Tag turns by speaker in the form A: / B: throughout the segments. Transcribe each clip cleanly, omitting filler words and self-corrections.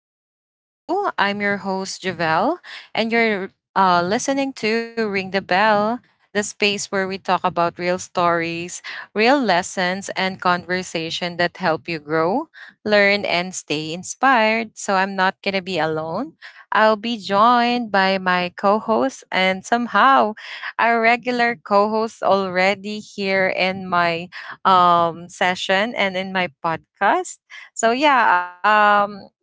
A: back to the show. I'm your host, Javel, and you're listening to Ring the Bell, the space where we talk about real stories, real lessons, and conversation that help you grow, learn, and stay inspired. So I'm not going to be alone. I'll be joined by my co host, and somehow our regular co host already here in my session and in my podcast. So yeah, um,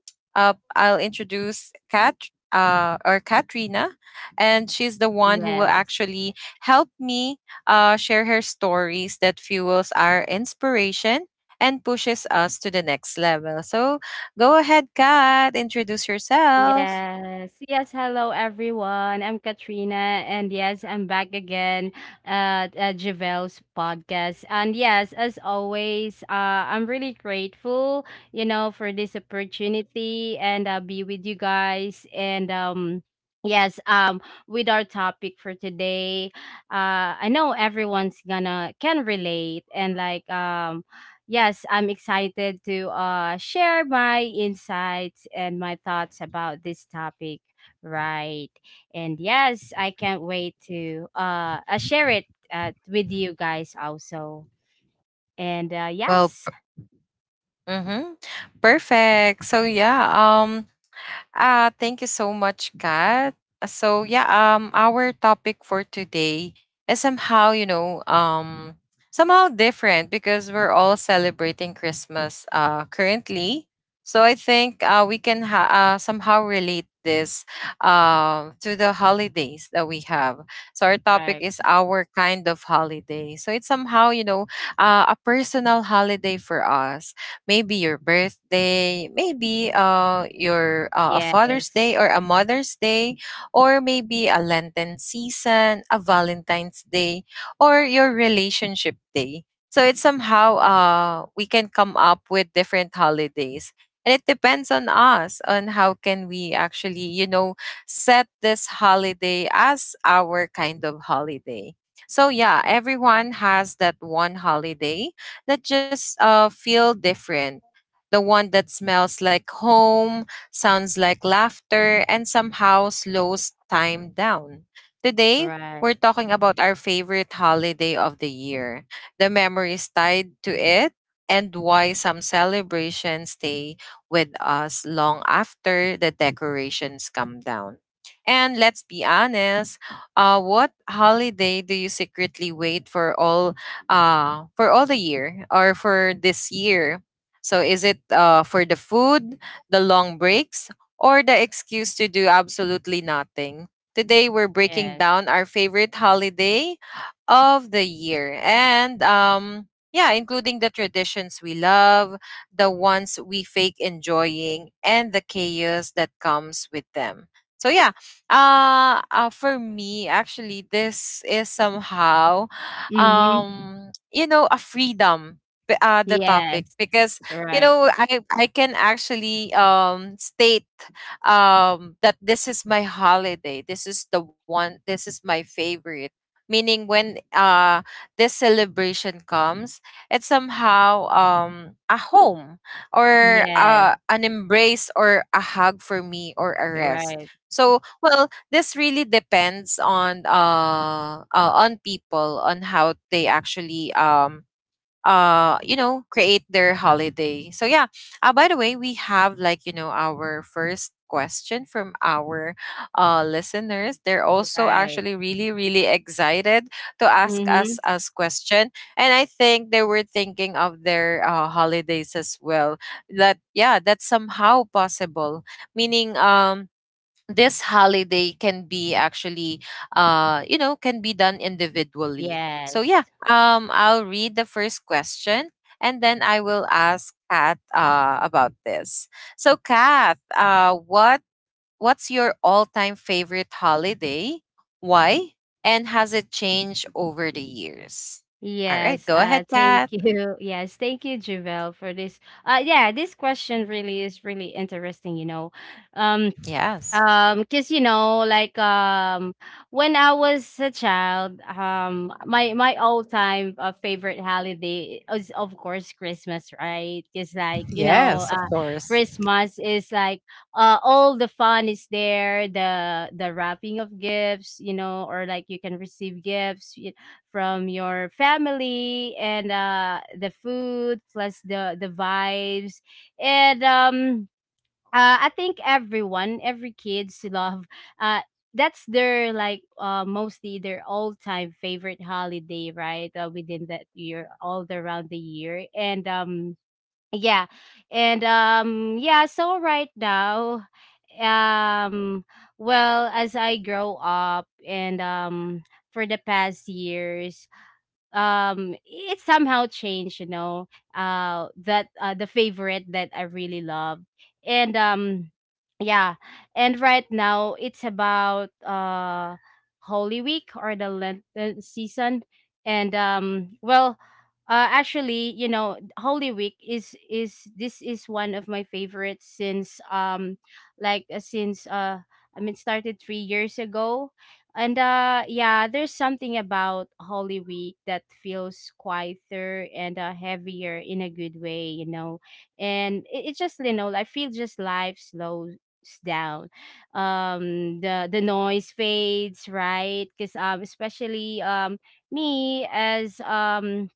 A: uh, I'll introduce Kat or Katrina, and she's the one who will
B: Yes.
A: actually help me share her stories that fuels our inspiration and pushes us to the next level. So go ahead, Kat, introduce yourself.
B: Yes. Hello, everyone. I'm Katrina. And yes, I'm back again at, Javel's podcast. And yes, as always, I'm really grateful, you know, for this opportunity and be with you guys. Yes, um, with our topic for today, I know everyone's gonna can relate and like. Yes, I'm excited to share my insights and my thoughts about this topic. Right. And yes, I can't wait to share it with you guys also. And uh,
A: Well,
B: yes.
A: mm-hmm, perfect. So yeah, um, thank you so much, Kat. So yeah, our topic for today is somehow, somehow different because we're all celebrating Christmas currently. So I think we can somehow relate this to the holidays that we have. So our topic
B: Right.
A: is our kind of holiday. So it's somehow, you know, a personal holiday for us, maybe your birthday, maybe your a Father's
B: Yes.
A: Day or a Mother's Day, or maybe a Lenten season, a Valentine's Day, or your relationship day. So it's somehow we can come up with different holidays. And it depends on us on how can we actually, you know, set this holiday as our kind of holiday. So yeah, everyone has that one holiday that just feel different. The one that smells like home, sounds like laughter, and somehow slows time down. Today,
B: Right.
A: we're talking about our favorite holiday of the year, the memories tied to it, and why some celebrations stay with us long after the decorations come down. And let's be honest, what holiday do you secretly wait for all the year, or for this year? So is it for the food, the long breaks, or the excuse to do absolutely nothing? Today we're breaking
B: Yes.
A: down our favorite holiday of the year and yeah, including the traditions we love, the ones we fake enjoying, and the chaos that comes with them. So yeah, for me actually this is somehow
B: Mm-hmm.
A: you know a freedom, the topic,
B: Yes.
A: because you
B: Right.
A: know i i can actually state that this is my holiday, this is my favorite, meaning when this celebration comes, it's somehow a home, or
B: Yes.
A: an embrace, or a hug for me, or a rest.
B: Right.
A: So well, this really depends on people, on how they actually you know create their holiday. So yeah, by the way, we have like, you know, our first question from our listeners. They're also
B: Right.
A: actually really really excited to ask
B: Mm-hmm.
A: us question, and I think they were thinking of their holidays as well, that yeah, that's somehow possible, meaning this holiday can be actually you know can be done individually. So
B: Yes.
A: yeah, I'll read the first question and then I will ask Kat about this. So Kat, uh, what's your all-time favorite holiday, why, and has it changed over the years? All right,
B: Yes,
A: go ahead,
B: thank
A: Kat.
B: you. Yes, thank you, Javel, for this. Yeah, this question really is really interesting, you know. Um,
A: Yes.
B: Cause you know, like when I was a child, my all time favorite holiday is of course Christmas, right? Cause like you
A: Yes, of
B: know,
A: course.
B: Christmas is like all the fun is there, the wrapping of gifts, you know, or like you can receive from your family and the food plus the vibes and I think everyone, every kids love. Uh, that's their like mostly their all-time favorite holiday, right? Within that year, all around the year, and yeah, yeah. So right now, um, well, as I grow up, and for the past years, it somehow changed, you know, that the favorite that I really love. and um yeah and right now it's about holy week or the lenten season. And well Actually, you know, holy week is this is one of my favorites since like since I mean started 3 years ago. And yeah, there's something about Holy Week that feels quieter and heavier in a good way, you know. And it just you know, I feel just life slows down. The noise fades, right? Cuz especially me as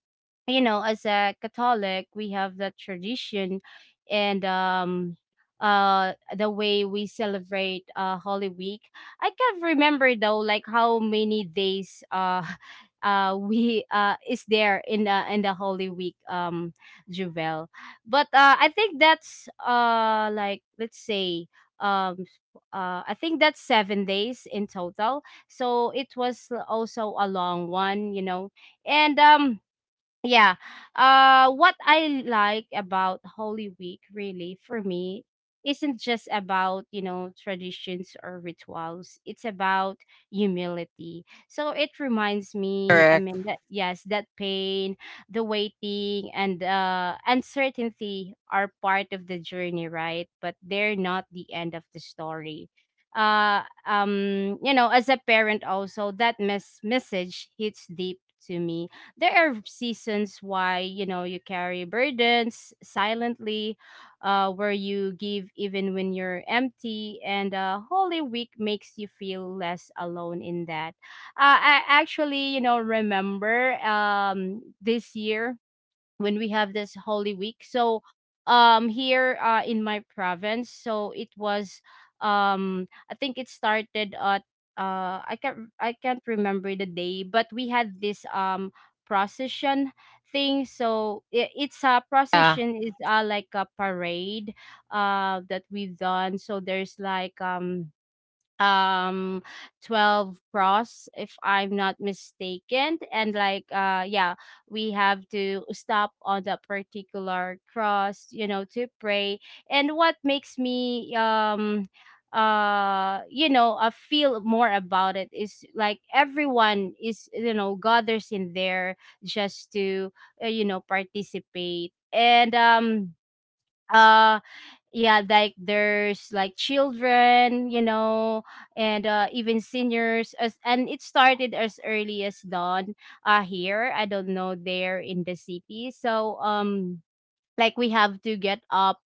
B: you know as a catholic, we have that tradition. And the way we celebrate holy week, I can't remember though like how many days we is there in the holy week juvel, but I think that's like let's say um I think that's 7 days in total. So it was also a long one, you know. And yeah. What I like about Holy Week really for me isn't just about, you know, traditions or rituals. It's about humility. So it reminds me, I
A: Correct.
B: mean that yes, that pain, the waiting and uncertainty are part of the journey, right? But they're not the end of the story. You know, as a parent also that message hits deep to me. There are seasons why you know you carry burdens silently, where you give even when you're empty, and holy week makes you feel less alone in that. I actually, you know, remember this year when we have this holy week. So here in my province, so it was I think it started at I can't remember the day, but we had this procession thing. So it's a
A: Yeah.
B: procession is like a parade that we've done. So there's like um 12 cross if I'm not mistaken, and like yeah we have to stop on that particular cross, you know, to pray. And what makes me you know feel more about it is like everyone is you know gathers in there just to you know participate and uh, yeah, like there's like children, you know, and even seniors as and it started as early as dawn here, I don't know there in the city. So like we have to get up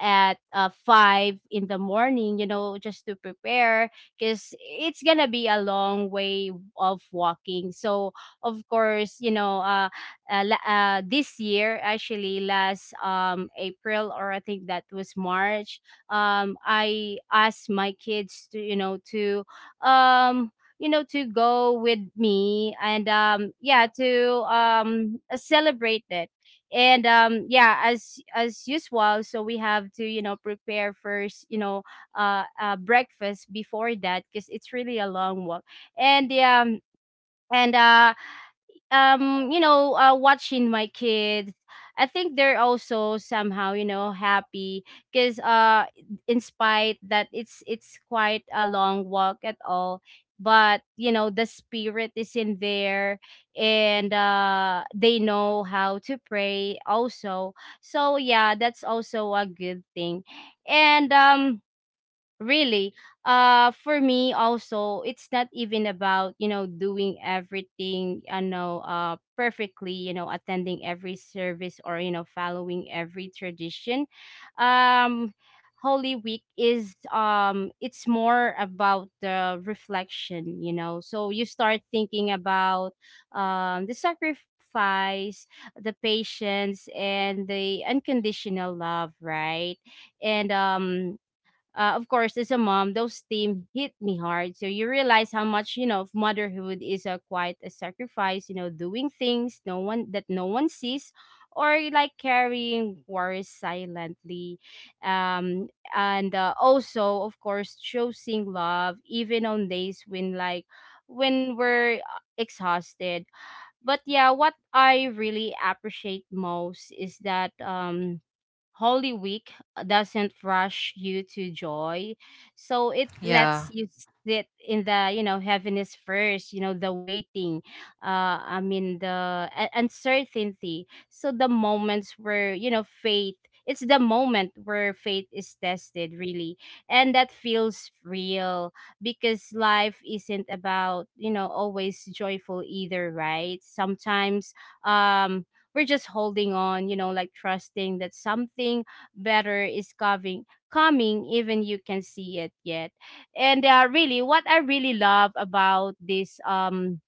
B: at five in the morning, you know, just to prepare because it's gonna be a long way of walking. So of course you know this year actually last april or I think that was march, I asked my kids to you know to um you know to go with me and yeah to celebrate it. And yeah as usual, so we have to you know prepare first you know breakfast before that because it's really a long walk. And yeah and you know watching my kids, I think they're also somehow you know happy because in spite that it's quite a long walk at all, but you know the spirit is in there, and they know how to pray also. So yeah that's also a good thing. And really, for me also it's not even about you know doing everything I know perfectly, you know, attending every service or you know following every tradition. Um holy week is it's more about the reflection, you know, so you start thinking about the sacrifice, the patience and the unconditional love, right? And of course, as a mom, those themes hit me hard. So you realize how much you know of motherhood is a quite a sacrifice. You know, doing things no one that no one sees, or like carrying worries silently, um, and also of course choosing love even on days when like when we're exhausted. But yeah, what I really appreciate most is that Holy Week doesn't rush you to joy. So it
A: Yeah.
B: lets you sit in the, you know, heaviness first, you know, the waiting, I mean, the uncertainty. So the moments where, you know, faith, it's the moment where faith is tested, really. And that feels real because life isn't about, you know, always joyful either, right? Sometimes, um, we're just holding on, you know, like trusting that something better is coming, coming even you can see it yet. And really, what I really love about this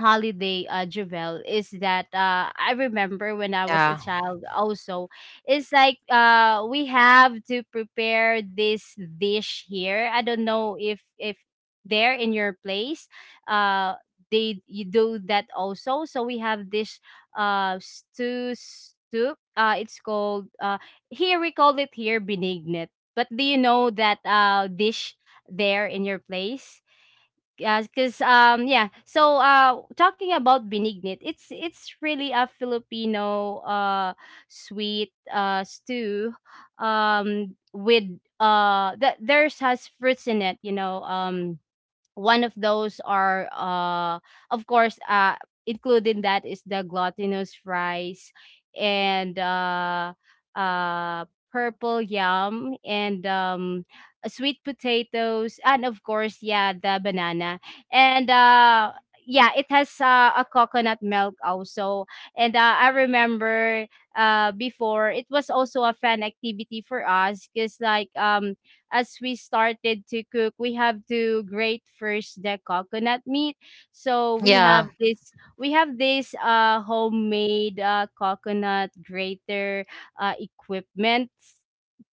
B: holiday Javel is that I remember when I was a
A: Yeah.
B: child also, it's like we have to prepare this dish here, I don't know if there in your place uh they you do that also. So we have this stew soup, it's called here we call it here benignet, but do you know that dish there in your place? Yeah, because yeah. So talking about benignit, it's really a Filipino sweet stew with that theirs has fruits in it, you know. One of those are of course including that is the glutinous rice, and uh purple yam and sweet potatoes and of course yeah the banana. And yeah it has a coconut milk also. And I remember before it was also a fun activity for us because like as we started to cook, we have to grate first the coconut meat. So we have
A: Yeah.
B: this we have this homemade coconut grater equipment.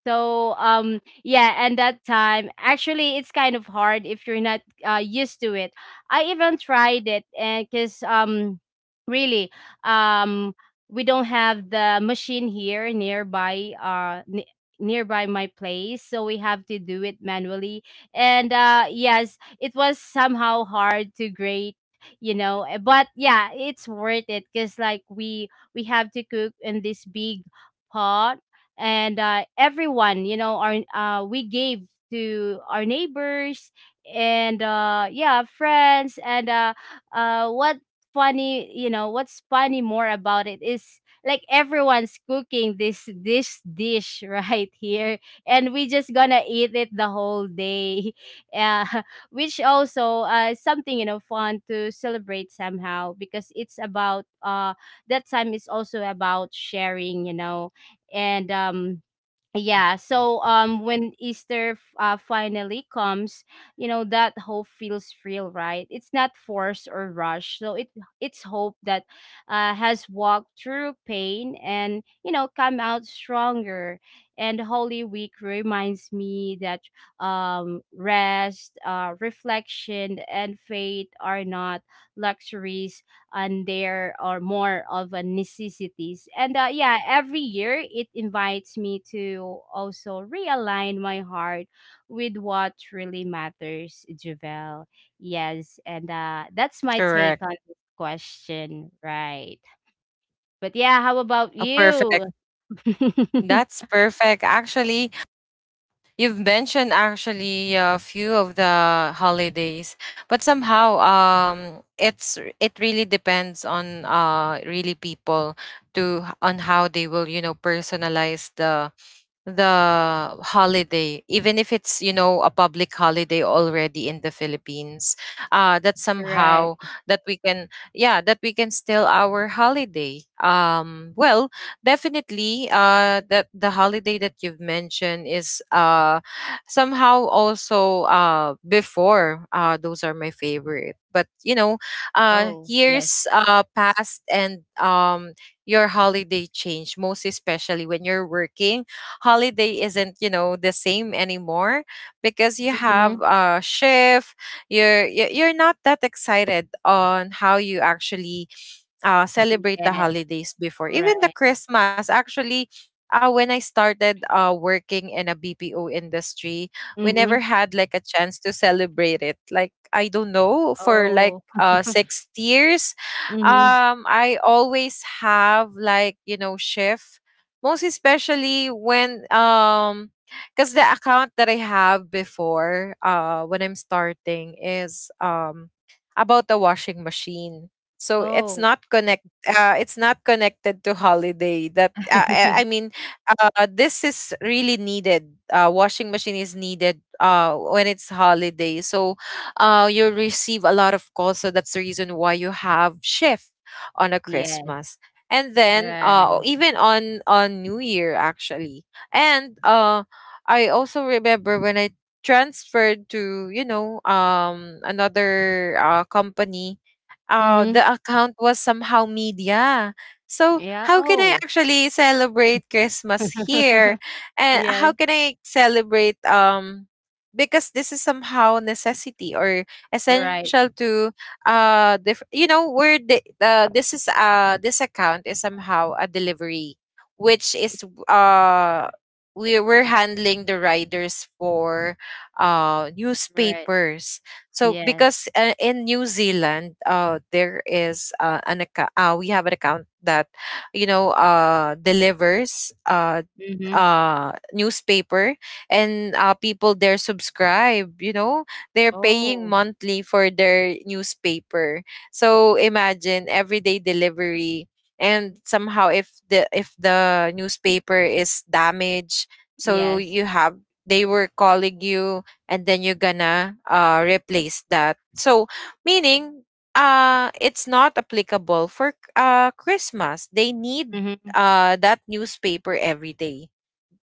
B: So yeah, and that time actually it's kind of hard if you're not used to it. I even tried it and cuz really um we don't have the machine here nearby nearby my place, so we have to do it manually. And yes it was somehow hard to grate, you know eh, but yeah it's worth it because like we have to cook in this big pot. And everyone you know our we gave to our neighbors, and yeah friends and what funny, you know what's funny more about it is like everyone's cooking this dish right here, and we just gonna eat it the whole day. uh, which also is something, you know, fun to celebrate somehow because it's about that time is also about sharing, you know. And yeah so when easter finally comes, you know that hope feels real, right? It's not forced or rushed, so it's hope that has walked through pain and you know come out stronger. And holy week reminds me that rest reflection and faith are not luxuries, and there are more of a necessities. And yeah every year it invites me to also realign my heart with what really matters, javel. Yes, and that's my take
A: Correct.
B: on this question, right? But yeah, how about
A: Oh,
B: you?
A: perfect. That's perfect. Actually, you've mentioned actually a few of the holidays, but somehow it's it really depends on really people, to on how they will, you know, personalize the holiday, even if it's, you know, a public holiday already in the Philippines, that somehow,
B: Right.
A: that we can, yeah, that we can still our holiday. Well, definitely, that the holiday that you've mentioned is somehow also, before, those are my favorite. But you know,
B: Oh yes.
A: years passed, and your holiday change, most especially when you're working. Holiday isn't, you know, the same anymore, because you have
B: Mm-hmm.
A: a shift. You're not that excited on how you actually celebrate the
B: Yes.
A: holidays before, even the
B: Right.
A: Christmas. Actually, when I started working in a BPO industry, we
B: Mm-hmm.
A: never had like a chance to celebrate it. Like, I don't know, for like
B: Oh.
A: 6 years,
B: Mm-hmm.
A: I always have like, you know, shift, most especially when. Because the account that I have before, when I'm starting is about the washing machine. So it's
B: Oh.
A: not connect it's not connected to holiday that I mean, this is really needed. Washing machine is needed when it's holiday, so you'll receive a lot of calls. So that's the reason why you have shift on a
B: Yes.
A: Christmas, and then
B: Right.
A: even on new year, actually. And I also remember when I transferred to, you know, another company.
B: Mm-hmm.
A: The account was somehow media. So
B: Yeah,
A: how can I
B: oh.
A: actually celebrate Christmas here? And
B: Yes.
A: how can I celebrate because this is somehow necessity or
B: All
A: essential
B: right.
A: to you know we're the this is this account is somehow a delivery, which is uh we we're handling the riders for
B: Right.
A: newspapers. So
B: Yes.
A: because in New Zealand, there is an account. We have an account that, you know, delivers
B: Mhm.
A: newspaper, and people there subscribe. You know, they're paying
B: Oh,
A: monthly for their newspaper. So imagine everyday delivery. And somehow, if the newspaper is damaged, so
B: yes.
A: you have, they were calling you, and then you're gonna replace that. So meaning it's not applicable for Christmas. They need
B: Mhm.
A: that newspaper every day.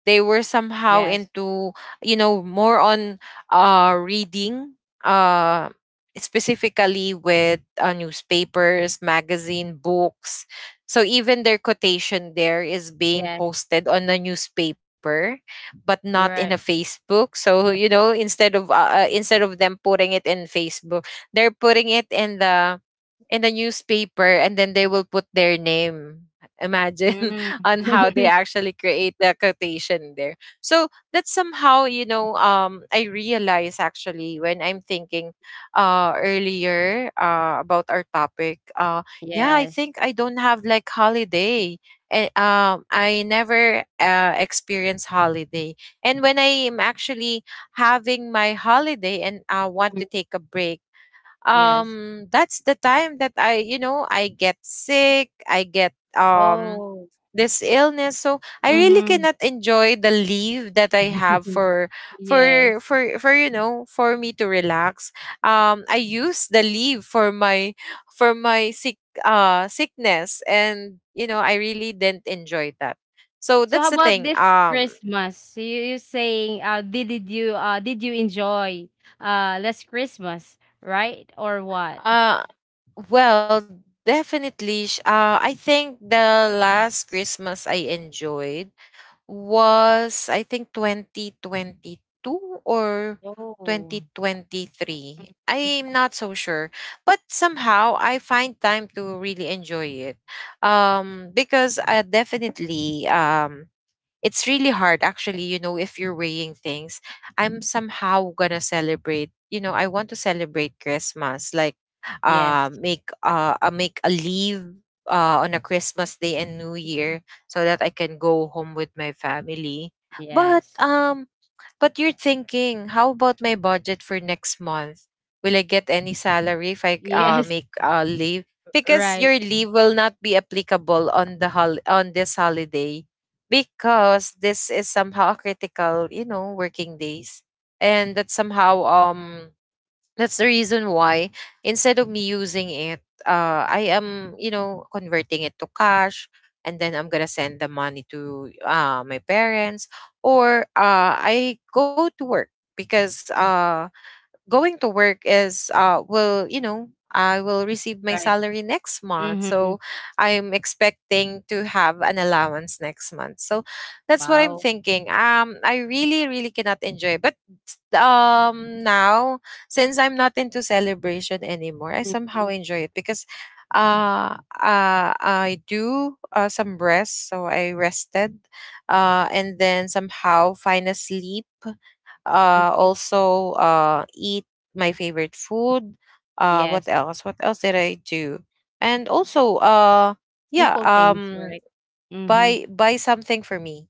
A: They were somehow
B: Yes,
A: into, you know, more on reading, uh specifically with newspapers, magazine, books. So even their quotation there is being
B: yes,
A: posted on a newspaper, but not in a
B: right.
A: Facebook. So you know, instead of them putting it in Facebook, they're putting it in the newspaper, and then they will put their name. Imagine
B: Mhm.
A: on how they actually create the quotation there. So that's somehow, you know, I realize actually when I'm thinking earlier about our topic, yeah, I
B: Yes.
A: think I don't have like holiday. And I never experience holiday. And when I am actually having my holiday and I want
B: Mhm.
A: to take a break,
B: Yes.
A: that's the time that I, you know, I get sick, I get
B: Oh,
A: this illness. So I really
B: mhm.
A: cannot enjoy the leave that I have
B: Yes.
A: for, you know, for me to relax. I use the leave for my for my sick sickness, and you know, I really didn't enjoy that. So
B: So how
A: that's the
B: about
A: thing.
B: this Christmas? So you saying, did you, did you enjoy, last Christmas, right? Or what?
A: Uh well, definitely, I think the last Christmas I enjoyed was, I think, 2022 or
B: Oh.
A: 2023. I'm not so sure, but somehow I find time to really enjoy it. Because I definitely it's really hard actually, you know, if you're weighing things. I'm somehow gonna celebrate, you know, I want to celebrate Christmas, like
B: Yes.
A: make a leave on a Christmas day and new year so that I can go home with my family. but
B: Yes.
A: um but you're thinking, how about my budget for next month? Will I get any salary if I
B: Yes.
A: make leave? Because
B: Right.
A: your leave will not be applicable on on this holiday, because this is somehow critical, you know, working days. And that somehow that's the reason why, instead of me using it, I am, you know, converting it to cash, and then I'm gonna send the money to my parents, or I go to work, because going to work is, will, you know, I will receive my
B: Right.
A: salary next month.
B: Mm-hmm.
A: So I'm expecting to have an allowance next month. So that's what I'm
B: Wow.
A: thinking. I really, really cannot enjoy. But now, since I'm not into celebration anymore, I
B: Mm-hmm.
A: somehow enjoy it because I do some rest. So I rested and then somehow find a sleep,
B: Mm-hmm.
A: also eat my favorite food. Uh, what
B: Yes.
A: else? What else did I do? And also yeah,
B: Simple things, right? Mm-hmm.
A: buy something for me,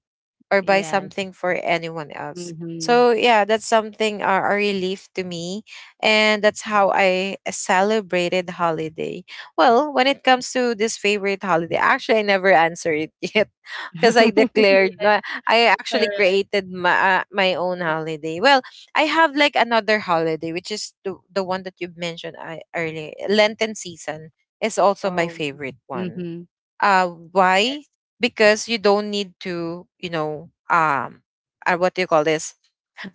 A: or buy
B: Yes.
A: something for anyone else.
B: Mm-hmm.
A: So yeah, that's something, a relief to me, and that's how I celebrated holiday. Well, when it comes to this favorite holiday, actually I never answered it yet, because I declared
B: Yes.
A: no, I
B: All
A: actually
B: right.
A: created my my own holiday. Well, I have like another holiday, which is the one that you mentioned I, earlier. Lenten season is also my
B: Oh.
A: favorite one.
B: Mm-hmm.
A: Why?
B: Yes.
A: Because you don't need to what do you call this,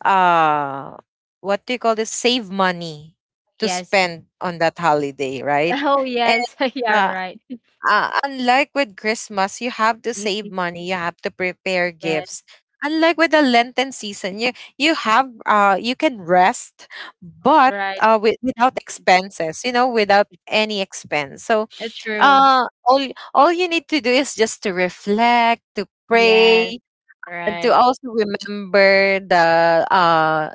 A: uh save money to
B: Yes.
A: spend on that holiday, right?
B: Oh,
A: And
B: yes. Yeah,
A: uh,
B: right.
A: unlike with Christmas, you have to save
B: Hmm.
A: money, you have to prepare
B: Yes.
A: gifts. Unlike with the Lenten season, you have you can rest. But
B: Right.
A: without expenses, you know, without any expense. So
B: True.
A: uh all all you need to do is just to reflect, to
B: Yes.
A: pray, and to
B: Right.
A: also remember the uh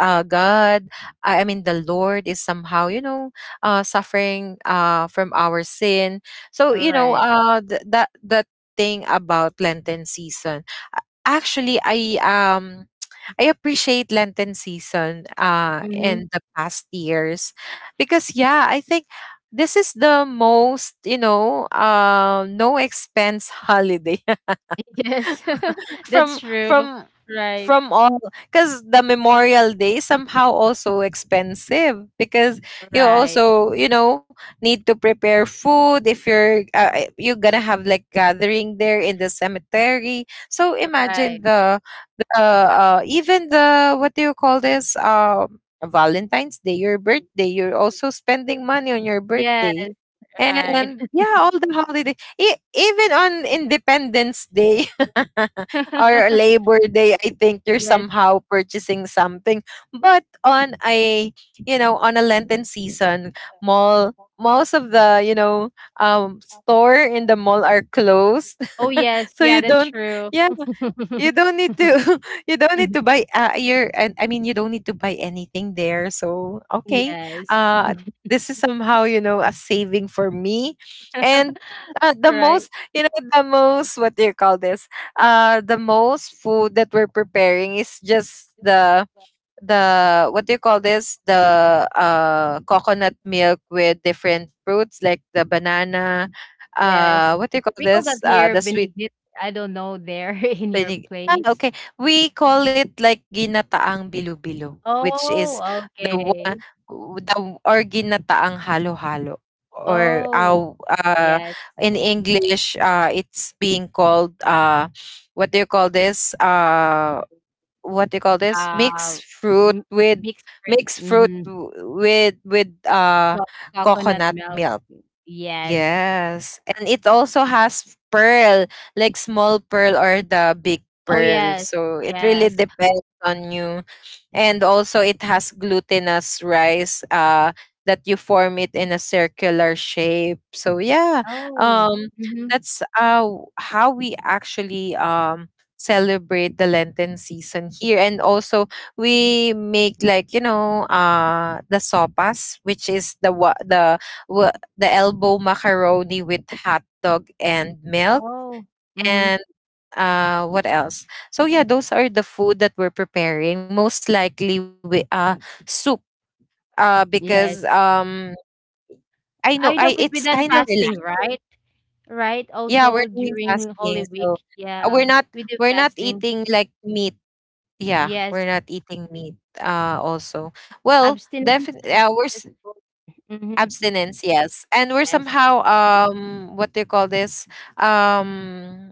A: God, I mean, the Lord is somehow, you know, suffering from our sin. So,
B: All
A: you know,
B: right.
A: that thing about Lenten season. Actually, I appreciate Lenten season
B: Mm-hmm.
A: in the past years because, yeah, I think this is the most, you know, no expense holiday
B: Yes. That's
A: from
B: true.
A: from
B: Right.
A: from all. Because the Memorial Day somehow also expensive because you
B: Right.
A: also, you know, need to prepare food if you're you're gonna have like gathering there in the cemetery. So imagine
B: Right.
A: the uh, even the, what do you call this, Valentine's Day, your birthday. You're also spending money on your
B: Yes,
A: birthday,
B: right.
A: and yeah, all the holiday, even on Independence Day or Labor Day, I think you're
B: Yes.
A: somehow purchasing something. But on a Lenten season, mall, most of the, you know, store in the mall are closed.
B: Oh, yes.
A: So
B: Yeah,
A: you
B: that's
A: don't
B: true.
A: yeah, you don't need to you don't need to buy, your and I mean, you don't need to buy anything there. So, okay.
B: Yes.
A: Uh this is somehow, you know, a saving for me. And the
B: Right.
A: most, you know, the most, what do you call this? The most food that we're preparing is just the what do you call this? The coconut milk with different fruits like the banana,
B: Yes.
A: what do you call
B: We call
A: this?
B: that here
A: The sweet
B: benignit. I don't know there in your
A: Binig, ah,
B: place.
A: okay. We call it like ginataang bilo-bilo, which is
B: Oh,
A: the one,
B: okay.
A: the, or ginataang halo-halo, or
B: Oh,
A: aw
B: yes.
A: in English, it's being called, what do you call this?
B: Uh,
A: Mixed fruit
B: m-
A: with
B: Mixed
A: mixed fruit
B: fruit.
A: w- with
B: Co Coconut
A: coconut
B: milk.
A: milk.
B: Yes.
A: Yes, and it also has pearl, like small pearl or the big
B: Oh,
A: pearl.
B: yes,
A: So it really
B: yes.
A: depends on you, and also it has glutinous rice that you form it in a circular shape. So yeah,
B: Oh,
A: um
B: mhm.
A: that's how we actually celebrate the Lenten season here. And also we make like, you know, the sopas, which is the wa- the elbow macaroni with hot dog and milk.
B: Oh, mhm.
A: And what else? So yeah, those are the food that we're preparing, most likely with soup,
B: Yes.
A: because I know,
B: I know,
A: I
B: because
A: it's
B: with that
A: kind of
B: fasting,
A: relaxed.
B: right? Right,
A: Yeah, we're
B: also
A: doing
B: during
A: fasting.
B: Holy
A: So
B: Week,
A: uh,
B: yeah,
A: we're not
B: we do
A: we're not
B: fasting.
A: eating like meat. Yeah,
B: Yes,
A: we're not eating meat. Also, well,
B: abstinence,
A: definitely,
B: I think that's called. Mhm,
A: abstinence, yes. And we're
B: yes,
A: somehow, what do you call this? um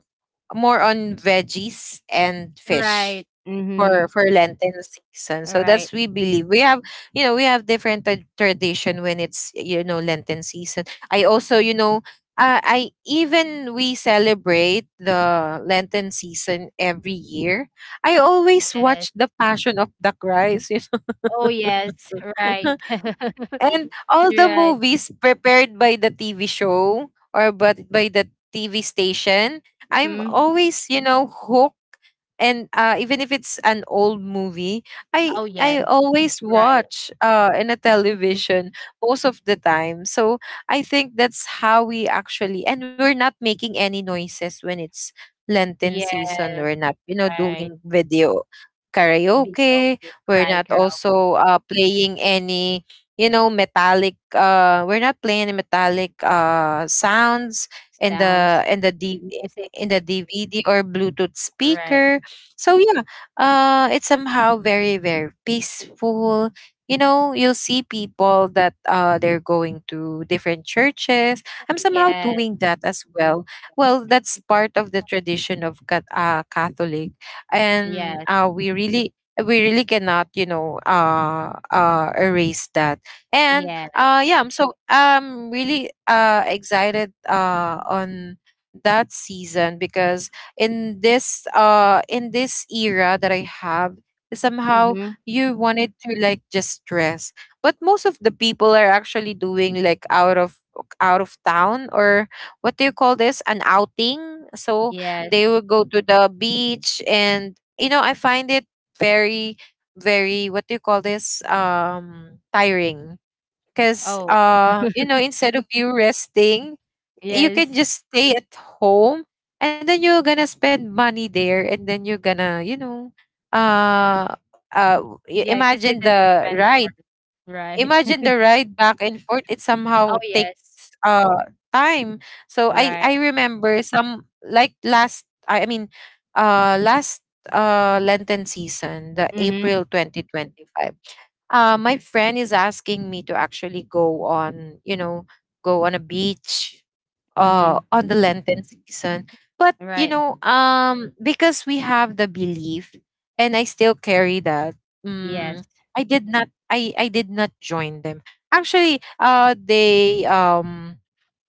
A: More on veggies and fish
B: right.
A: for
B: Mhm,
A: Lenten season. So that's
B: right.
A: we believe. We have, you know, we have different tradition when it's, you know, Lenten season. I also, you know, I even we celebrate the Lenten season every year. I always
B: Yes.
A: watch the Passion of the Christ, you know.
B: Oh, yes, right.
A: And all the
B: Right.
A: movies prepared by the TV show or but by the TV station, I'm
B: Mhm.
A: always, you know, hooked. And even if it's an old movie, I
B: Oh, yes,
A: I always
B: right.
A: watch in a
B: Mhm.
A: television, most of the time. So I think that's how we actually, and we're not making any noises when it's Lenten season.
B: Yes.
A: We're not, you know,
B: Right.
A: doing video
B: Video
A: karaoke.
B: game.
A: We're
B: Right.
A: not
B: Karaoke.
A: also playing any you know metallic we're not playing the metallic sounds in
B: Sounds,
A: the
B: music.
A: in the DVD or Bluetooth
B: Right.
A: speaker. So yeah, it's somehow very, very peaceful. You know, you'll see people that they're going to different churches. I'm somehow
B: Yes.
A: doing that as well. Well, that's part of the tradition of Catholic, and
B: Yes.
A: we really, we really cannot, you know, erase that. And
B: Yes.
A: yeah, I'm really excited on that season because in this era that I have, somehow
B: Mm-hmm.
A: you wanted to like just dress. But most of the people are actually doing like out of town, or, what do you call this, an outing. So
B: Yes.
A: they will go to the beach, and you know, I find it very, very, what do you call this, tiring, because
B: Oh,
A: you know, instead of you resting, you can
B: yes.
A: just stay at home, and then you're gonna spend money there, and then you're gonna, you know, uh uh y-
B: Yeah, because they
A: imagine
B: tend to
A: the
B: spend
A: ride
B: more. Right.
A: imagine the ride back and forth. It somehow
B: Oh, yes.
A: takes uh time. So I
B: Right.
A: remember, some like last I mean, last Lenten season, the
B: Mm-hmm.
A: April 2025, my friend is asking me to actually go on a beach
B: Mm-hmm.
A: on the Lenten season. But, you
B: Right.
A: know, because we have the belief, and I still carry that,
B: Yes.
A: um, I did not join them. Actually, they,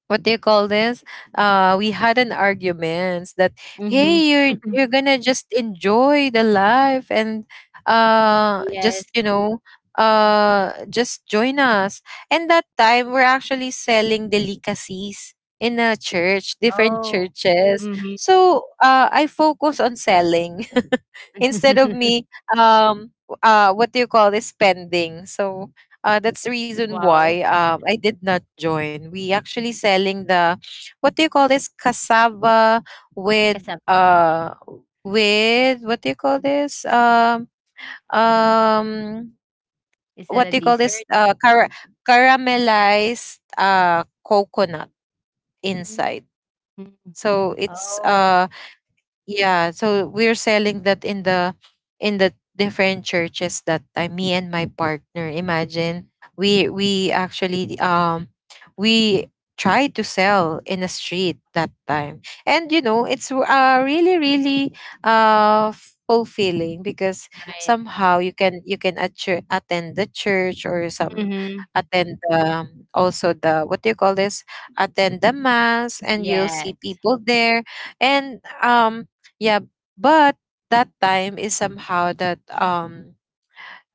A: what do you call this? We had an arguments that,
B: Mm-hmm.
A: hey, you're gonna just enjoy the life, and
B: Yes.
A: just you know just join us. And that time we're actually selling delicacies in a church, different
B: Oh.
A: churches. So I focus on selling instead of
B: Mm-hmm.
A: me, um what do you call this, spending. So that's the reason
B: Wow.
A: why, I did not join. We actually selling the, what do you call this, cassava with
B: Kasab.
A: uh what do you call this, um
B: Is that
A: what
B: a
A: do you call this,
B: dessert?
A: caramelized coconut
B: Mm-hmm.
A: inside. So it's
B: Oh.
A: yeah, so we're selling that in the different churches that time. Me and my partner, imagine, we actually we tried to sell in a street that time. And you know, it's really, really uh fulfilling because
B: Right.
A: somehow you can attend the church, or some
B: Mm-hmm.
A: attend, also the, what do you call this, attend the mass, and you'll see
B: Yes.
A: people there. And yeah, but that time is somehow that, um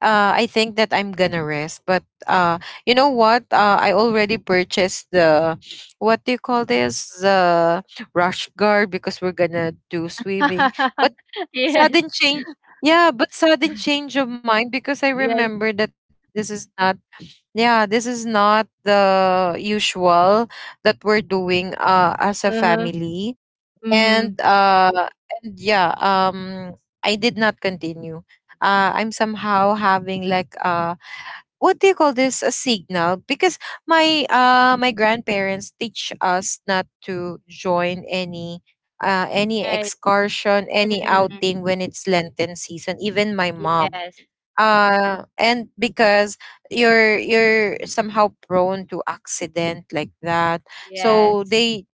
A: uh I think that I'm gonna rest. But you know what? I already purchased the, what do you call this, the rush guard, because we're gonna do swimming. But
B: Yes,
A: sudden change, yeah, but sudden change of mind, because I
B: yes.
A: remember that this is not, yeah, this is not the usual that we're doing as a
B: Uh-huh.
A: family.
B: Mhm.
A: And uh and yeah, I did not continue. I'm somehow having like, what do you call this, a signal, because my grandparents teach us not to join any
B: Right.
A: excursion, any
B: Mm.
A: outing when it's Lenten season, even my mom.
B: Yes. Yes.
A: And because you're somehow prone to accident like that. So
B: Yes.
A: they,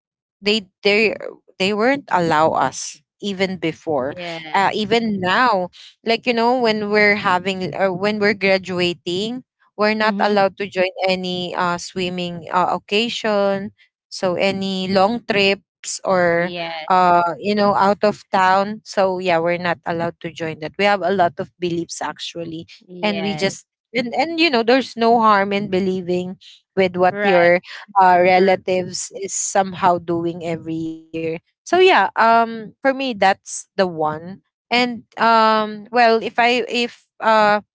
A: they they they weren't allow us even before,
B: Yeah.
A: even now. Like, you know, when we're having when we're graduating, we're not
B: Mhm.
A: allowed to join any swimming occasion, so any long trips, or,
B: Yes.
A: you know, out of town. So yeah, we're not allowed to join that. We have a lot of beliefs actually, and we
B: Yes.
A: just, and you know, there's no harm in believing with what
B: Right.
A: your,
B: True.
A: relatives is somehow doing every year. So yeah, for me, that's the one. And well, if I if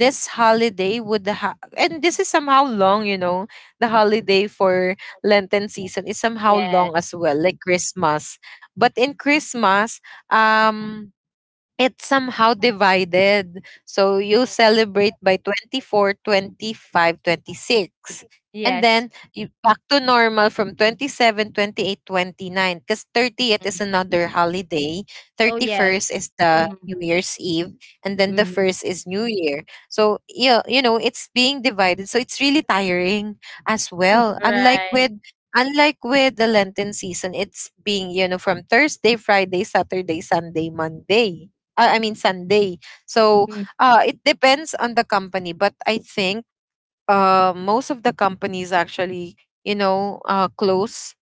A: this holiday would and this is somehow long, you know, the holiday for Lenten season is somehow
B: Yes.
A: long as well, like Christmas. But in Christmas, um, it's somehow divided. So you celebrate by 24, 25, 26, and then
B: Yes.
A: you back to normal from 27, because 30th is
B: Mm.
A: another holiday.
B: Oh, yes.
A: 31st is the
B: Mhm.
A: New Year's Eve. And then the
B: Mhm.
A: first is New Year. So, yeah, you know, it's being divided. So it's really tiring as well. Unlike
B: Right.
A: with, the Lenten season, it's being, you know, from Thursday, Friday, Saturday, Sunday, Monday, I mean, Sunday. So
B: Mm.
A: it depends on the company, but I think most of the companies actually, you know, close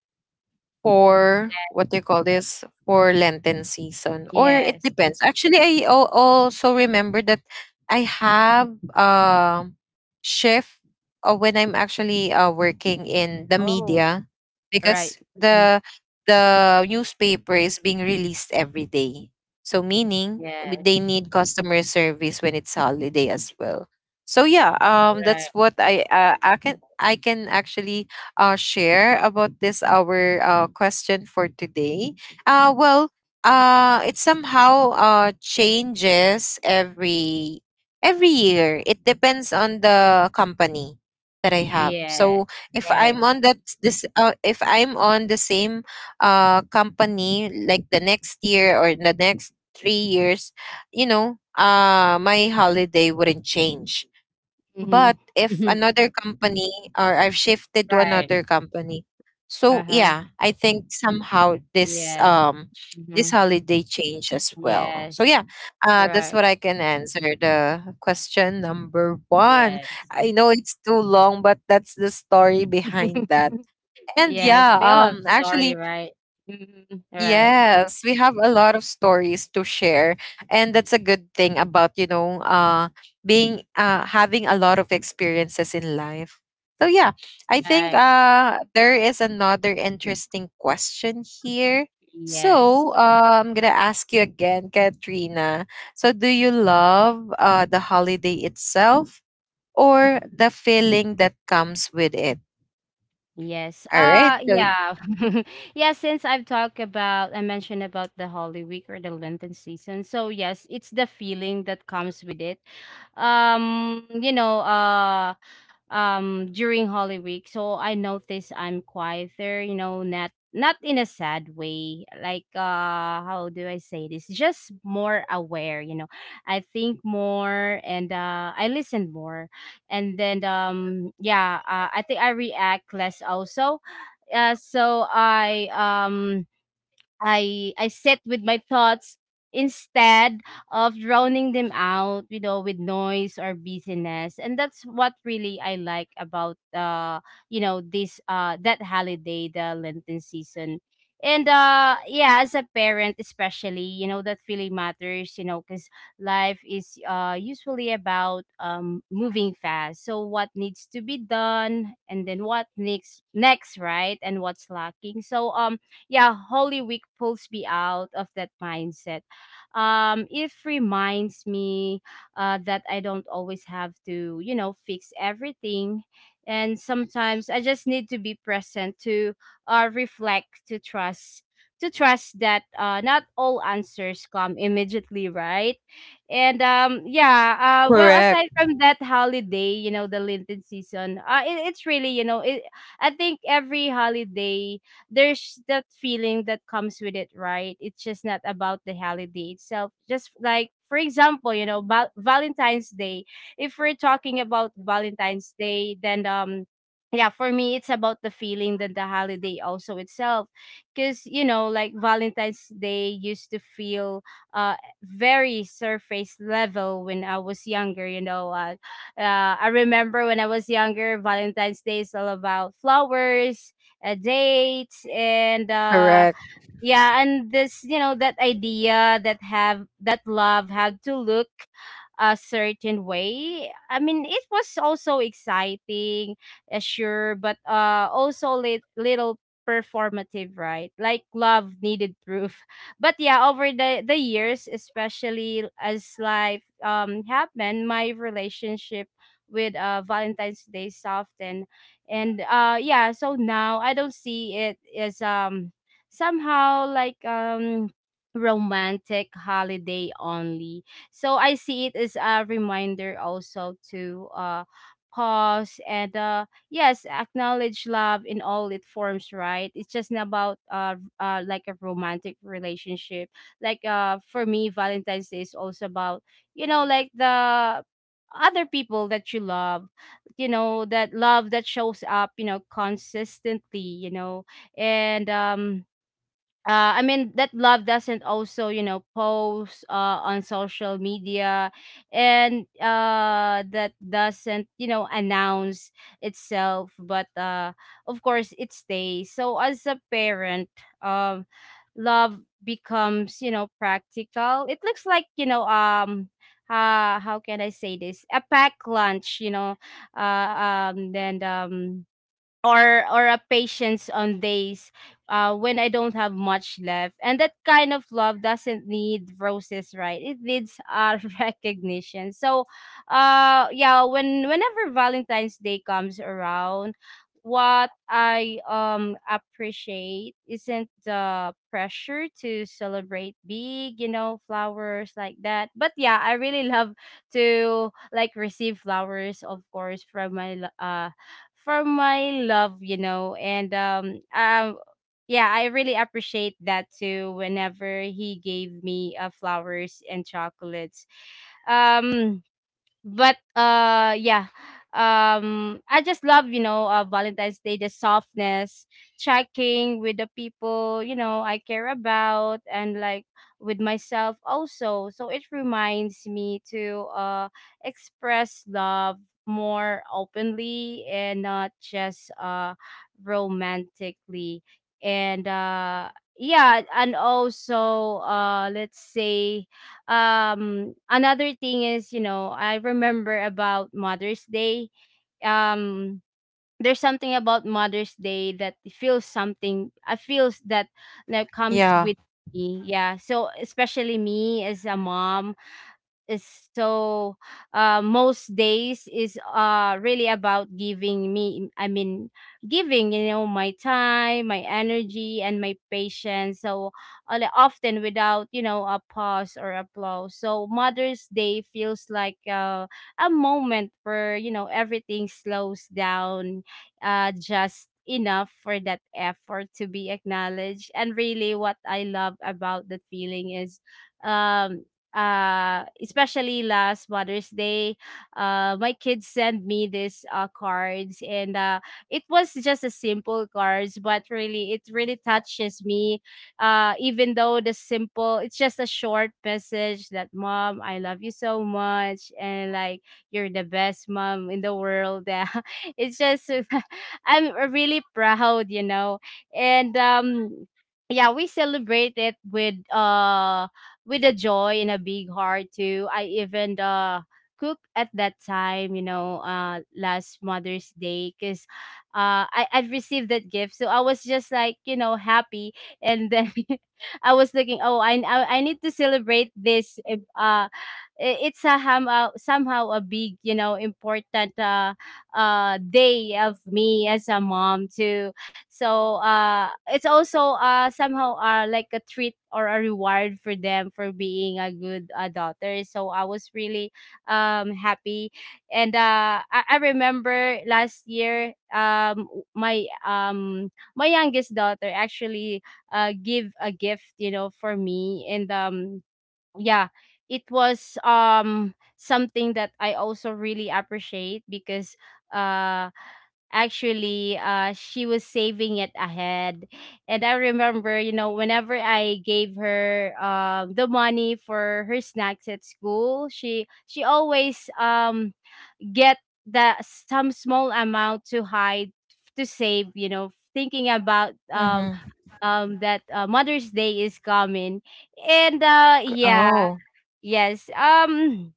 A: for, what do you call this, for Lenten season, or it
B: Yes.
A: depends. Actually, I also remember that I have shift when I'm actually working in the
B: Oh,
A: media because
B: right. Mhm.
A: the newspaper is being released every day. So meaning,
B: Yes.
A: they need customer service when it's holiday as well. So yeah,
B: Right.
A: that's what I can actually share about this our, question for today. Well, it somehow changes every year. It depends on the company that I have.
B: Yes.
A: So if I'm
B: Right.
A: on that this if I'm on the same company like the next year or the next 3 years, my holiday wouldn't change, but
B: Mhm.
A: if another company or I've shifted to
B: Right.
A: another company, so
B: Uh-huh.
A: yeah, I think somehow this
B: Yes.
A: um this
B: Mhm.
A: holiday change as well. So
B: Yes.
A: yeah, that's
B: Right.
A: what I can answer the question number one.
B: Yes.
A: I know it's too long, but that's the story behind that. And
B: Yes.
A: yeah,
B: We all have story, right? Mhm. Right.
A: yes, we have a lot of stories to share, and that's a good thing about being having a lot of experiences in life. So yeah, I think
B: Right.
A: there is another interesting question here.
B: Yes.
A: So I'm gonna ask you again, Katrina. So do you love the holiday itself or the feeling that comes with it?
B: Yes.
A: All right. So
B: Yeah. Yeah, since I mentioned about the Holy Week or the Lenten season. So yes, it's the feeling that comes with it. Um, you know, uh During Holy Week. So I notice I'm quieter, not in a sad way. Like, how do I say this? Just more aware. I think more, and I listen more. And then yeah, I think I react less also. So I I sit with my thoughts instead of drowning them out, with noise or busyness. And that's what really I like about this that holiday, the Lenten season. And yeah, as a parent especially, that really matters, cuz life is usually about moving fast. So what needs to be done, and then what next, right? And what's lacking. So yeah, Holy Week pulls me out of that mindset. It reminds me that I don't always have to, fix everything. And sometimes I just need to be present to reflect, to trust that not all answers come immediately, right? And yeah, well,
A: correct,
B: aside from that holiday, the Lenten season, it's really, I think every holiday there's that feeling that comes with it, right? It's just not about the holiday itself. Just like, for example, Valentine's Day. If we're talking about Valentine's Day, then yeah, for me, it's about the feeling that the holiday also itself, because like Valentine's Day used to feel uh very surface level when I was younger. I remember when I was younger, Valentine's Day is all about flowers, dates, and
A: correct.
B: yeah, and this, that idea that have, that love had to look a certain way. I mean, it was also exciting, sure, but also little performative, right? Like love needed proof. But yeah, over the years, especially as life happened, my relationship with Valentine's Day softened. And yeah, so now I don't see it as somehow like romantic holiday only. So I see it as a reminder also to pause and yes, acknowledge love in all its forms, right? It's just not about like a romantic relationship. Like, for me, Valentine's Day is also about, like, the other people that you love, that love that shows up consistently, you know and I mean, that love doesn't also post on social media, and that doesn't announce itself, but of course it stays. So as a parent, um, love becomes, practical. It looks like. How can I say this? A pack lunch. Then, or a patience on days, when I don't have much left. And that kind of love doesn't need roses, right? It needs recognition. So, yeah, whenever Valentine's Day comes around, what I appreciate isn't the pressure to celebrate big, flowers like that. But yeah, I really love to, like, receive flowers, of course, from my for my love. And yeah, I really appreciate that too whenever he gave me flowers and chocolates. Um but yeah, I just love, Valentine's Day, the softness, checking with the people I care about, and like, with myself also. So it reminds me to express love more openly, and not just romantically. And yeah, and also, let's say, another thing is, I remember about Mother's Day. um there's something about Mother's Day that feels something, I feels that that
A: Yeah.
B: comes with me. Yeah, so especially me as a mom is so, most days is really about giving me I mean giving, my time, my energy, and my patience. So, like, often without, a pause or applause, so Mother's Day feels like, a moment where, everything slows down just enough for that effort to be acknowledged. And really, what I love about that feeling is, um especially last Mother's Day, my kids sent me these cards, and it was just a simple cards, but really, it really touches me. Even though the simple, it's just a short message that, "Mom, I love you so much," and like, "You're the best mom in the world." It's just, I'm really proud. And yeah, we celebrate it with a joy and a big heart too. I even cook at that time, last Mother's Day, because I'd received that gift. So I was just like, happy, and then I was thinking, "Oh, I need to celebrate this," if, it's a somehow a big, important day of me as a mom to. So it's also somehow like a treat or a reward for them for being a good daughter, so I was really happy. And I remember last year, my youngest daughter actually give a gift, for me. And yeah, it was something that I also really appreciate because, uh actually, she was saving it ahead. And I remember, whenever I gave her the money for her snacks at school, she always get the some small amount to hide, to save, thinking about
A: Mm-hmm.
B: that, Mother's Day is coming. And yeah.
A: Oh,
B: Yes.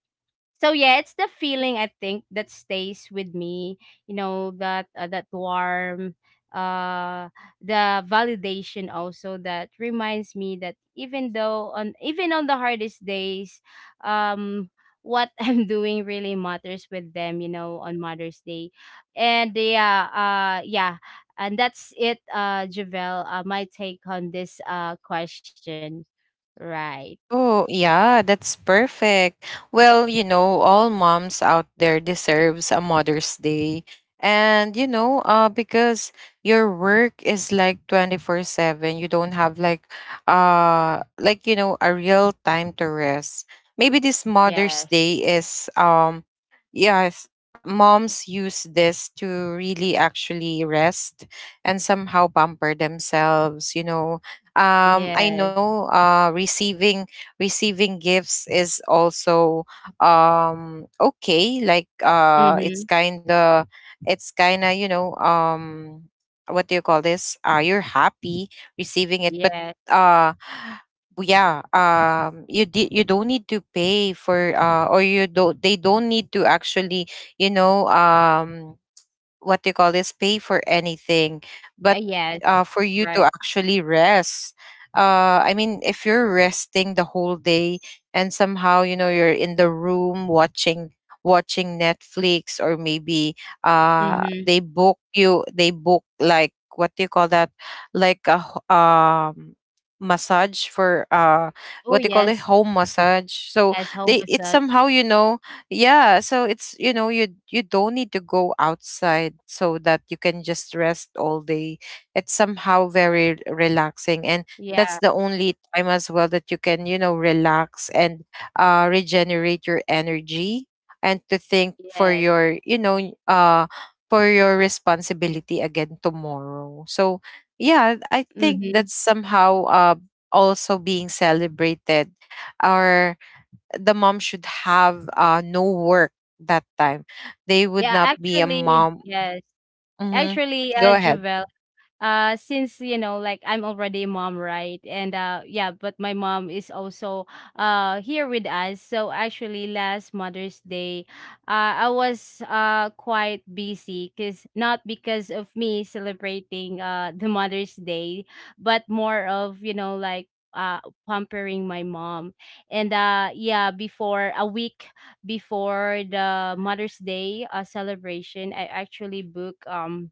B: So yeah, it's the feeling, I think, that stays with me. That warm, uh, the validation also, that reminds me that even though on the hardest days, um, what I'm doing really matters with them, you know, on Mother's Day. And yeah, yeah, and that's it, Javel. My take on this question. Right.
A: oh, yeah, that's perfect. Well, you know, all moms out there deserves a Mother's Day. And you know, because your work is like 24/7, you don't have like you know, a real time to rest. Maybe this Mother's
B: Yes.
A: Day is yes, moms use this to really actually rest and somehow pamper themselves, you know. I
B: Yes.
A: know receiving gifts is also okay, like it's
B: Mhm.
A: kind of, it's kind of, you know, um, what do you call this, you're happy receiving it, but
B: Yes.
A: uh yeah, you you don't need to pay for or you don't, they don't need to actually, you know, um, what they call this, pay for anything. But
B: Yes.
A: for you to
B: Right.
A: actually rest, I mean, if you're resting the whole day and somehow, you know, you're in the room watching Netflix. Or maybe
B: Mhm.
A: they book like, what do you call that, like a massage for,
B: Oh,
A: what do you call it,
B: yes.
A: home massage. So
B: Yes, home
A: they, it's
B: massage.
A: somehow, you know, yeah, so it's, you know, you don't need to go outside so that you can just rest all day. It's somehow
B: Yeah.
A: very relaxing, and
B: Yeah.
A: that's the only time as well that you can, you know, relax and regenerate your energy and to think for
B: Yes.
A: your, you know, uh for your responsibility again tomorrow. So yeah, I think
B: Mhm.
A: that's somehow also being celebrated, or the mom should have no work that time. They would
B: Yeah,
A: not be a
B: actually,
A: mom.
B: yes.
A: Hmm.
B: Actually,
A: Go ahead.
B: Jovel, since, like, I'm already a mom, right? And yeah, but my mom is also here with us. So actually last Mother's Day, I was quite busy, because not because of me celebrating the Mother's Day, but more of, like, uh pampering my mom. And yeah, before a week before the Mother's Day celebration, I actually book,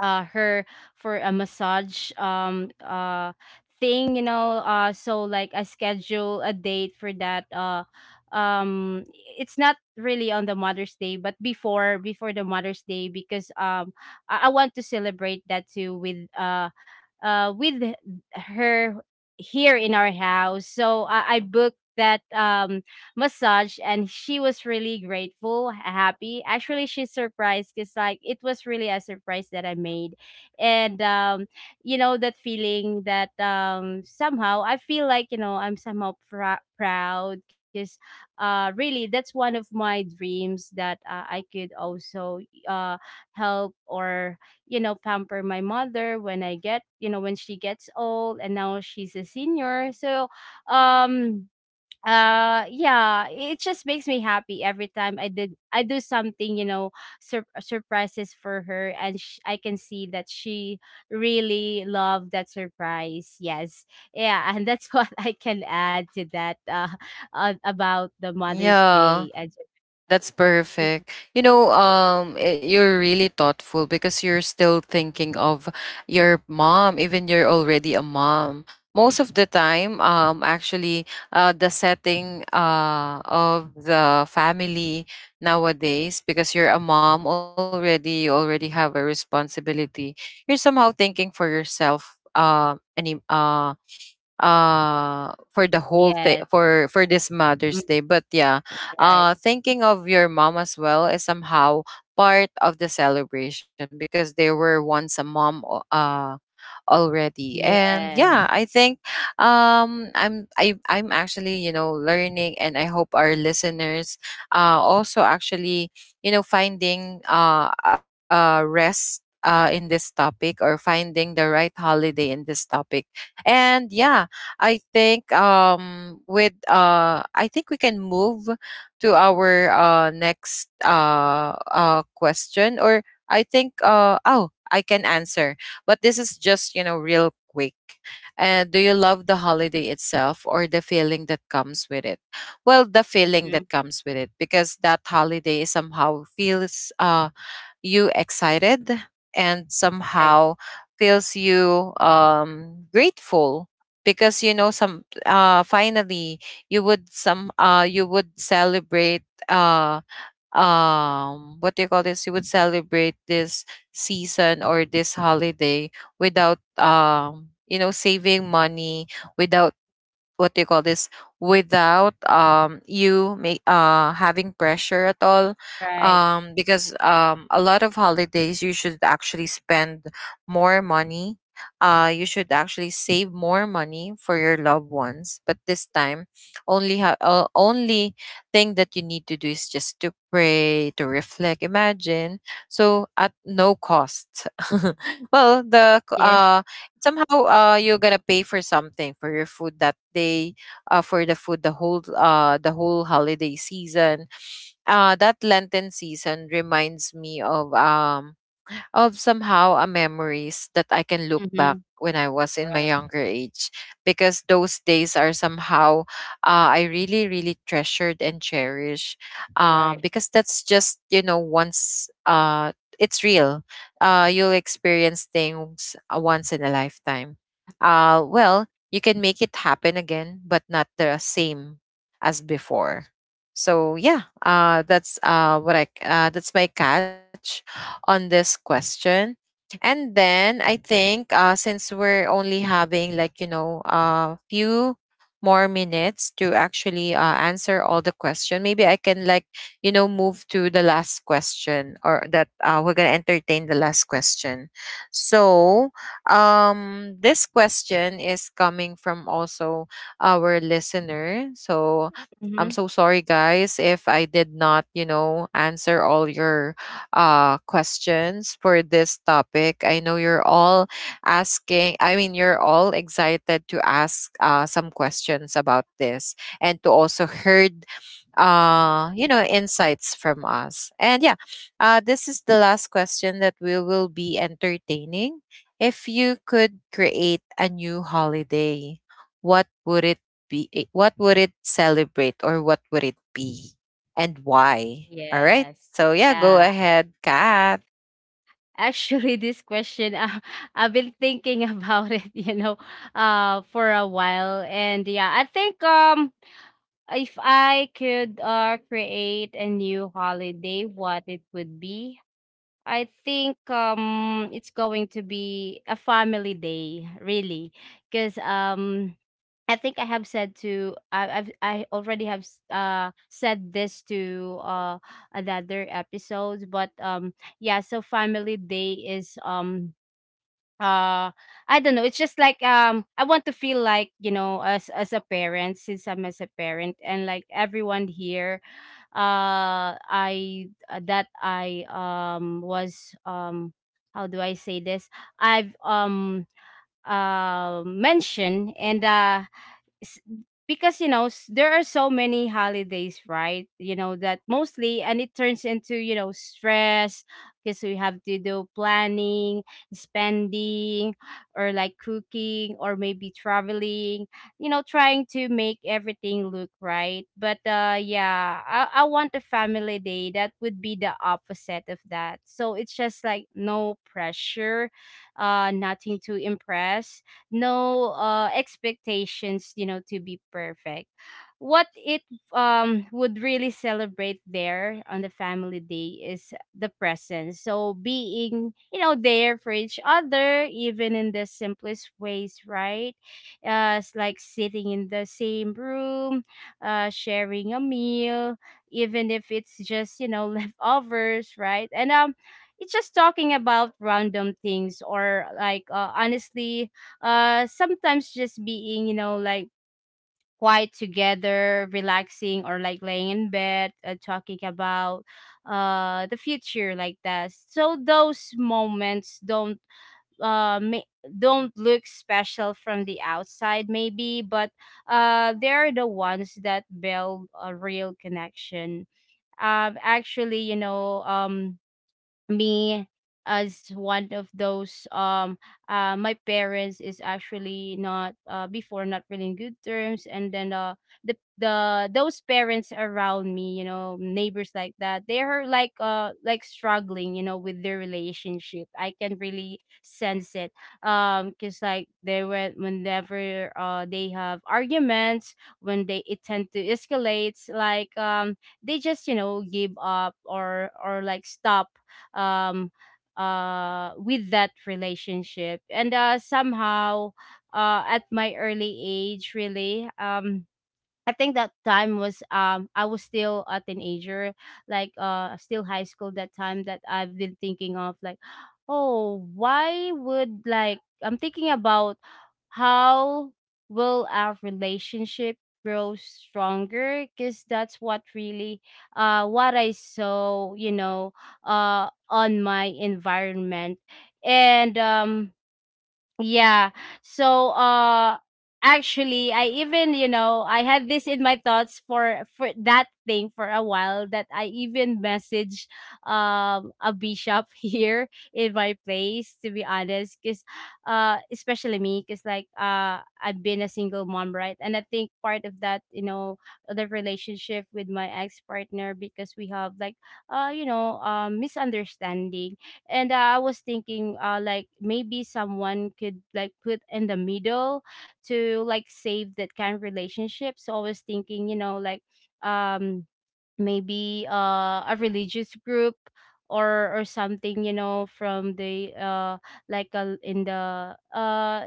B: her for a massage, thing, so like, I schedule a date for that, um it's not really on the Mother's Day but before the Mother's Day, because I want to celebrate that too with with her here in our house, so I booked that massage, and she was really grateful, happy. Actually, she's surprised, because like, it was really a surprise that I made. And that feeling that somehow I feel like, I'm somehow proud, because really that's one of my dreams, that I could also uh help or pamper my mother when I get you know when she gets old. And now she's a senior. So um yeah, it just makes me happy every time I do something, surprises for her, and I can see that she really loved that surprise. Yes, yeah. And that's what I can add to that, about the Mother's
A: Yeah.
B: Day. And
A: That's
B: Mhm.
A: perfect. You know, you're really thoughtful because you're still thinking of your mom, even you're already a mom. Most of the time, actually, the setting of the family nowadays, because you're a mom already, you already have a responsibility. You're somehow thinking for yourself. Any for the whole thing
B: Yes.
A: for this
B: Mm,
A: Mother's Day. But yeah,
B: right.
A: thinking of your mom as well is somehow part of the celebration because they were once a mom already. And yeah,
B: Yes.
A: I think um, I'm actually, you know, learning, and I hope our listeners also actually, you know, finding rest in this topic or finding the right holiday in this topic. And yeah, I think with I think we can move to our next question. Or I think oh, I can answer. But this is just, you know, real quick. And do you love the holiday itself or the feeling that comes with it? Well, the feeling
B: Mhm,
A: that comes with it, because that holiday somehow feels you excited and
B: right,
A: somehow feels you grateful, because you know, some finally you would, some you would celebrate, what do you call this, you would celebrate this season or this holiday without you know, saving money, without, what do you call this, without you may having pressure at all.
B: right.
A: Um, because um, a lot of holidays you should actually spend more money, you should actually save more money for your loved ones, but this time, only thing that you need to do is just to pray, to reflect, imagine. So at no cost. Well,
B: Yes,
A: somehow you're gonna pay for something for your food that day, for the food the whole holiday season. That Lenten season reminds me of um, of somehow a memories that I can look back
B: mhm,
A: when I was in my
B: right,
A: younger age, because those days are somehow I really really treasured and cherish,
B: right.
A: because that's just you know, once, it's real, you'll experience things once in a lifetime. Well, you can make it happen again, but not the same as before. So yeah, that's that's my catch on this question. And then I think since we're only having like, you know, a few more minutes to actually answer all the question, maybe I can like, you know, move to the last question, or that we're going to entertain the last question. So this question is coming from also our listener. So I'm
B: Mhm.
A: so sorry, guys, if I did not, you know, answer all your questions for this topic. I know you're all asking, I mean, you're all excited to ask some questions about this and to also heard you know, insights from us. And yeah, this is the last question that we will be entertaining. If you could create a new holiday, what would it be, eh, what would it celebrate, or what would it be, and why? All right,
B: Yes,
A: so yeah, go
B: yeah.
A: ahead, Kat.
B: Actually, this question, I've been thinking about it, for a while. And yeah, I think if I could create a new holiday, what it would be, I think it's going to be a family day, really. Because I think I already have said this to another episode. But yeah, so family day is uh I don't know. It's just like, I want to feel like, you know, as a parent, since I'm as a parent, and like everyone here, I that I was how do I say this? I've mentioned, and s- because, you know, there are so many holidays, right, that mostly — and it turns into, you know, stress, because we have to do planning, spending, or like cooking, or maybe traveling, trying to make everything look right. But yeah, I want a family day that would be the opposite of that. So it's just like no pressure, nothing to impress, no expectations, you know, to be perfect. What it would really celebrate there on the family day is the presence. So being, you know, there for each other even in the simplest ways, right? It's like sitting in the same room, sharing a meal, even if it's just, you know, leftovers, right? And it's just talking about random things, or like, honestly, sometimes just being, you know, like, quiet together, relaxing, or like laying in bed, talking about the future, like that. So those moments uh ma- don't look special from the outside maybe, but they're the ones that build a real connection. Actually, you know, me, as one of those, my parents is actually not — before, not really in good terms. And then the those parents around me, you know, neighbors, like that, they're like struggling, you know, with their relationship. I can really sense it. Because like, they were — whenever they have arguments, when they it tend to escalate, like, they just, you know, give up, or like stop, um with that relationship. And somehow, at my early age, really, I think that time was — I was still a teenager, like, still high school that time, that I've been thinking of, like, oh, why would — like, I'm thinking about how will our relationship grow stronger, because that's what really — what I saw, you know, on my environment. And yeah. So actually, I even, you know, I had this in my thoughts for that thing for a while, that I even messaged a bishop here in my place, to be honest, cuz especially me, cuz, like, I've been a single mom, right? And I think part of that, you know, the relationship with my ex-partner, because we have like you know, misunderstanding. And I was thinking, like, maybe someone could, like, put in the middle, to, like, save that kind of relationship. So I was thinking, you know, like, um maybe a religious group, or something, you know, from the like a, in the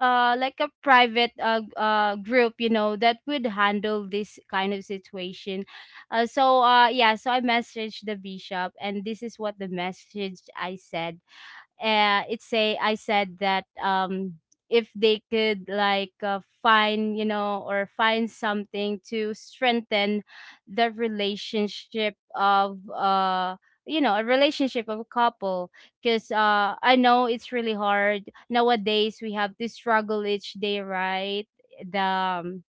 B: like a private, group, you know, that would handle this kind of situation. So yeah, so I messaged the bishop, and this is what the message I said. It say I said that, if they could, like, find, you know, or find something to strengthen the relationship of, you know, a relationship of a couple. Because I know it's really hard nowadays, we have to struggle each day, right? The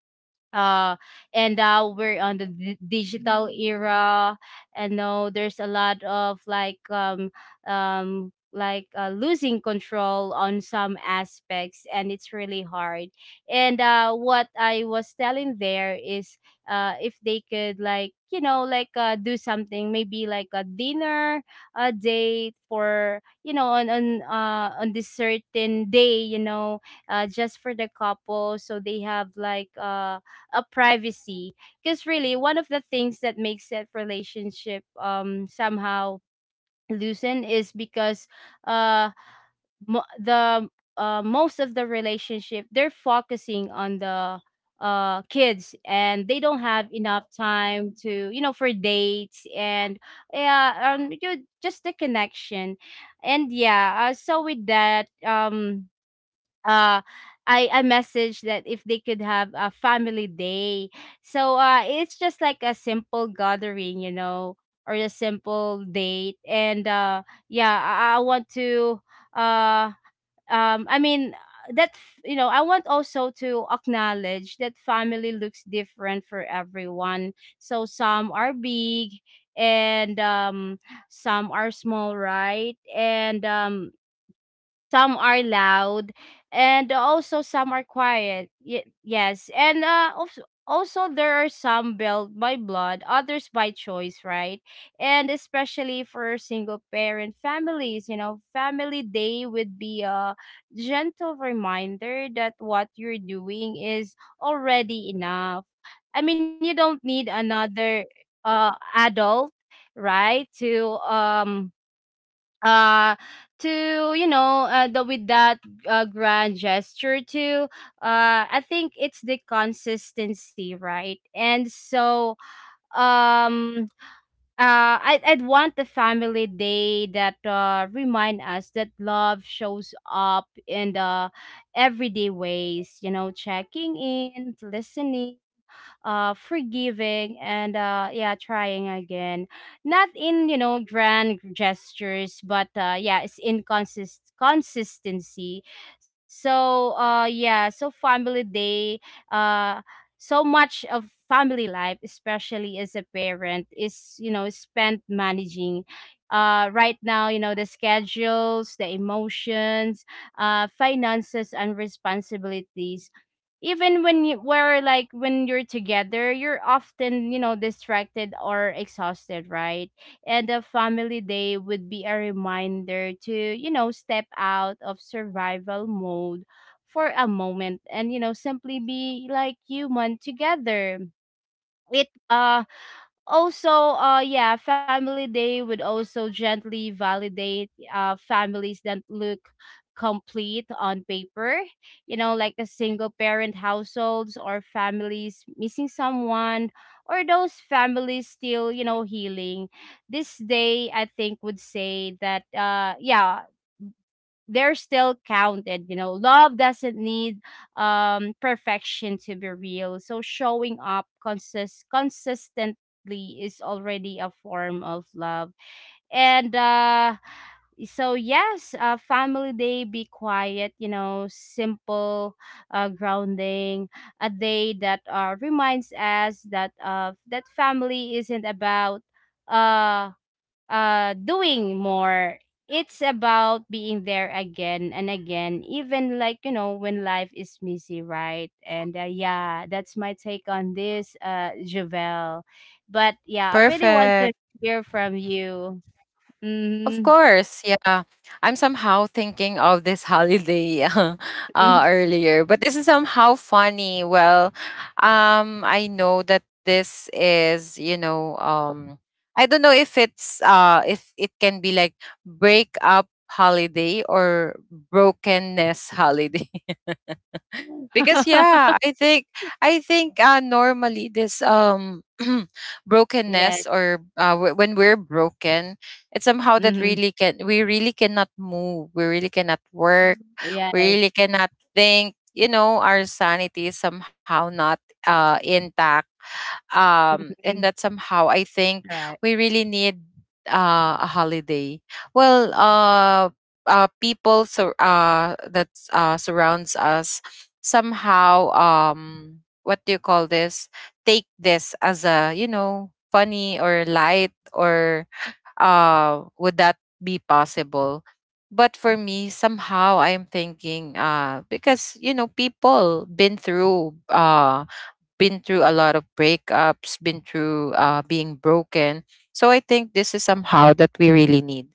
B: uh and now we're on the digital era, and now there's a lot of like, like, losing control on some aspects, and it's really hard. And what I was telling there is, if they could, like, you know, like, do something, maybe like a dinner, a date, for, you know, on this certain day, you know, just for the couple, so they have, like, a privacy. Because really, one of the things that makes that relationship somehow loosen is because, uh the most of the relationship, they're focusing on the kids, and they don't have enough time to, you know, for dates. And yeah, you — just the connection. And yeah, so with that, uh I messaged that if they could have a family day. So it's just like a simple gathering, you know, or a simple date. And yeah, I want to, uh I mean, you know, I want also to acknowledge that family looks different for everyone. So some are big, and some are small, right? And some are loud, and also some are quiet — yes. And also there are some built by blood, others by choice, right? And especially for single parent families, you know, family day would be a gentle reminder that what you're doing is already enough. I mean, you don't need another adult, right, to uh to, you know, the — with that, grand gesture too. I think it's the consistency, right? And so, um I'd want the family day that remind us that love shows up in the everyday ways, you know, checking in, listening, forgiving, and yeah, trying again, not in, you know, grand gestures, but yeah, it's in consistency. So yeah, so family day. uh so much of family life, especially as a parent, is, you know, spent managing, right now, you know, the schedules, the emotions, finances, and responsibilities. Even when you where like when you're together, you're often, you know, distracted or exhausted, right? And a family day would be a reminder to, you know, step out of survival mode for a moment, and, you know, simply be, like, human together. It Also, yeah, family day would also gently validate families that look complete on paper, you know, like the single parent households, or families missing someone, or those families still, you know, healing. This day, I think, would say that, yeah, they're still counted. You know, love doesn't need perfection to be real. So showing up consistently is already a form of love. And so yes, family day — be quiet, you know, simple, grounding, a day that reminds us that family isn't about, uh doing more. It's about being there again and again, even, like, you know, when life is messy, right? And yeah, that's my take on this, Javel. But yeah, I really want to
A: Perfect.
B: hear from you.
A: Of
B: Mm-hmm.
A: course, yeah. I'm somehow thinking of this holiday earlier, but this is somehow funny. Well, I know that this is, you know, I don't know if it's if it can be like breakup holiday or brokenness holiday. Because yeah, I think normally this
B: Yes.
A: brokenness, or when we're broken, it's somehow that
B: Mm-hmm.
A: really, can we really cannot move, we really cannot work, we
B: Yes.
A: really cannot think, you know, our sanity is somehow not intact. Um, and
B: Mm-hmm.
A: that somehow, I think
B: Right.
A: we really need a holiday. well uh people that surrounds us, somehow, um, what do you call this, take this as a, you know, funny or light, or would that be possible. But for me, somehow I'm thinking, because you know, people been through a lot of breakups, been through being broken. So I think this is somehow that we really need,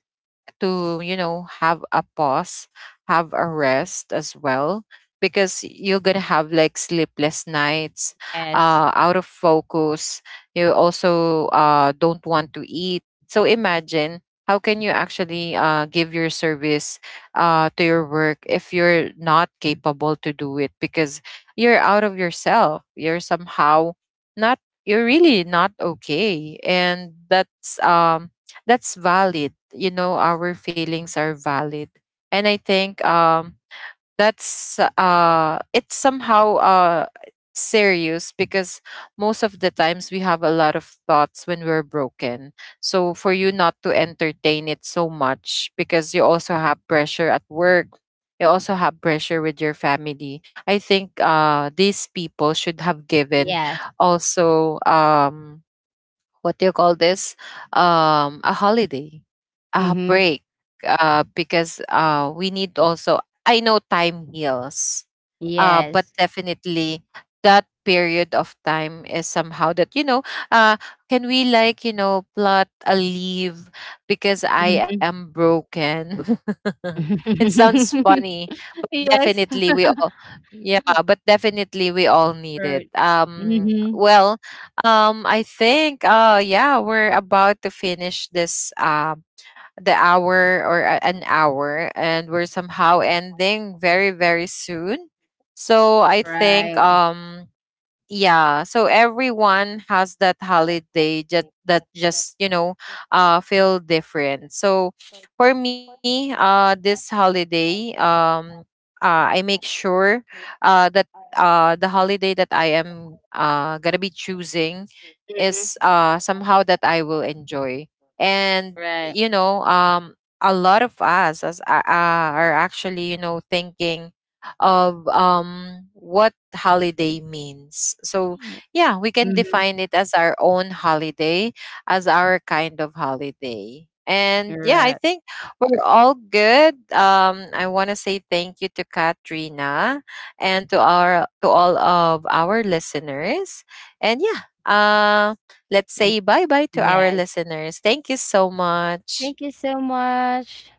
A: like, to you know, have a pause, have a rest as well, because you're gonna have like sleepless nights,
B: Yes.
A: out of focus, you also don't want to eat. So imagine, how can you actually give your service to your work if you're not capable to do it, because you're out of yourself, you're somehow not, you're really not okay. And that's um, that's valid, you know, our feelings are valid. And I think um, that's it's somehow serious, because most of the times we have a lot of thoughts when we're broken. So for you not to entertain it so much, because you also have pressure at work, you also have pressure with your family, I think these people should have given
B: Yes.
A: also um, what do you call this, um, a holiday,
B: Mm-hmm.
A: break, because we need also, I know time heals, but
B: Yes.
A: definitely that period of time is somehow that you know, uh, can we like, you know, plot a leave, because I
B: Mm-hmm.
A: am broken. It sounds funny, but
B: Yes.
A: definitely we all, yeah, but definitely we all need it.
B: Right.
A: Um,
B: Mm-hmm.
A: well um, I think yeah, we're about to finish this um, the hour or a- an hour, and we're somehow ending very very soon. So I think
B: Right.
A: um, yeah, so everyone has that holiday, just that, just you know, feel different. So for me, this holiday um, I make sure that the holiday that I am gonna be choosing is
B: Hmm.
A: somehow that I will enjoy. And
B: Right.
A: you know um, a lot of us as are actually you know thinking of what holiday means. So yeah, we can
B: Mm-hmm.
A: define it as our own holiday, as our kind of holiday. And yeah, I
B: Right.
A: think we're all good. I want to say thank you to Katrina and to our, to all of our listeners. And yeah, let's
B: Y-
A: say bye bye to our
B: yes.
A: listeners. Thank you so much.
B: Thank you so much.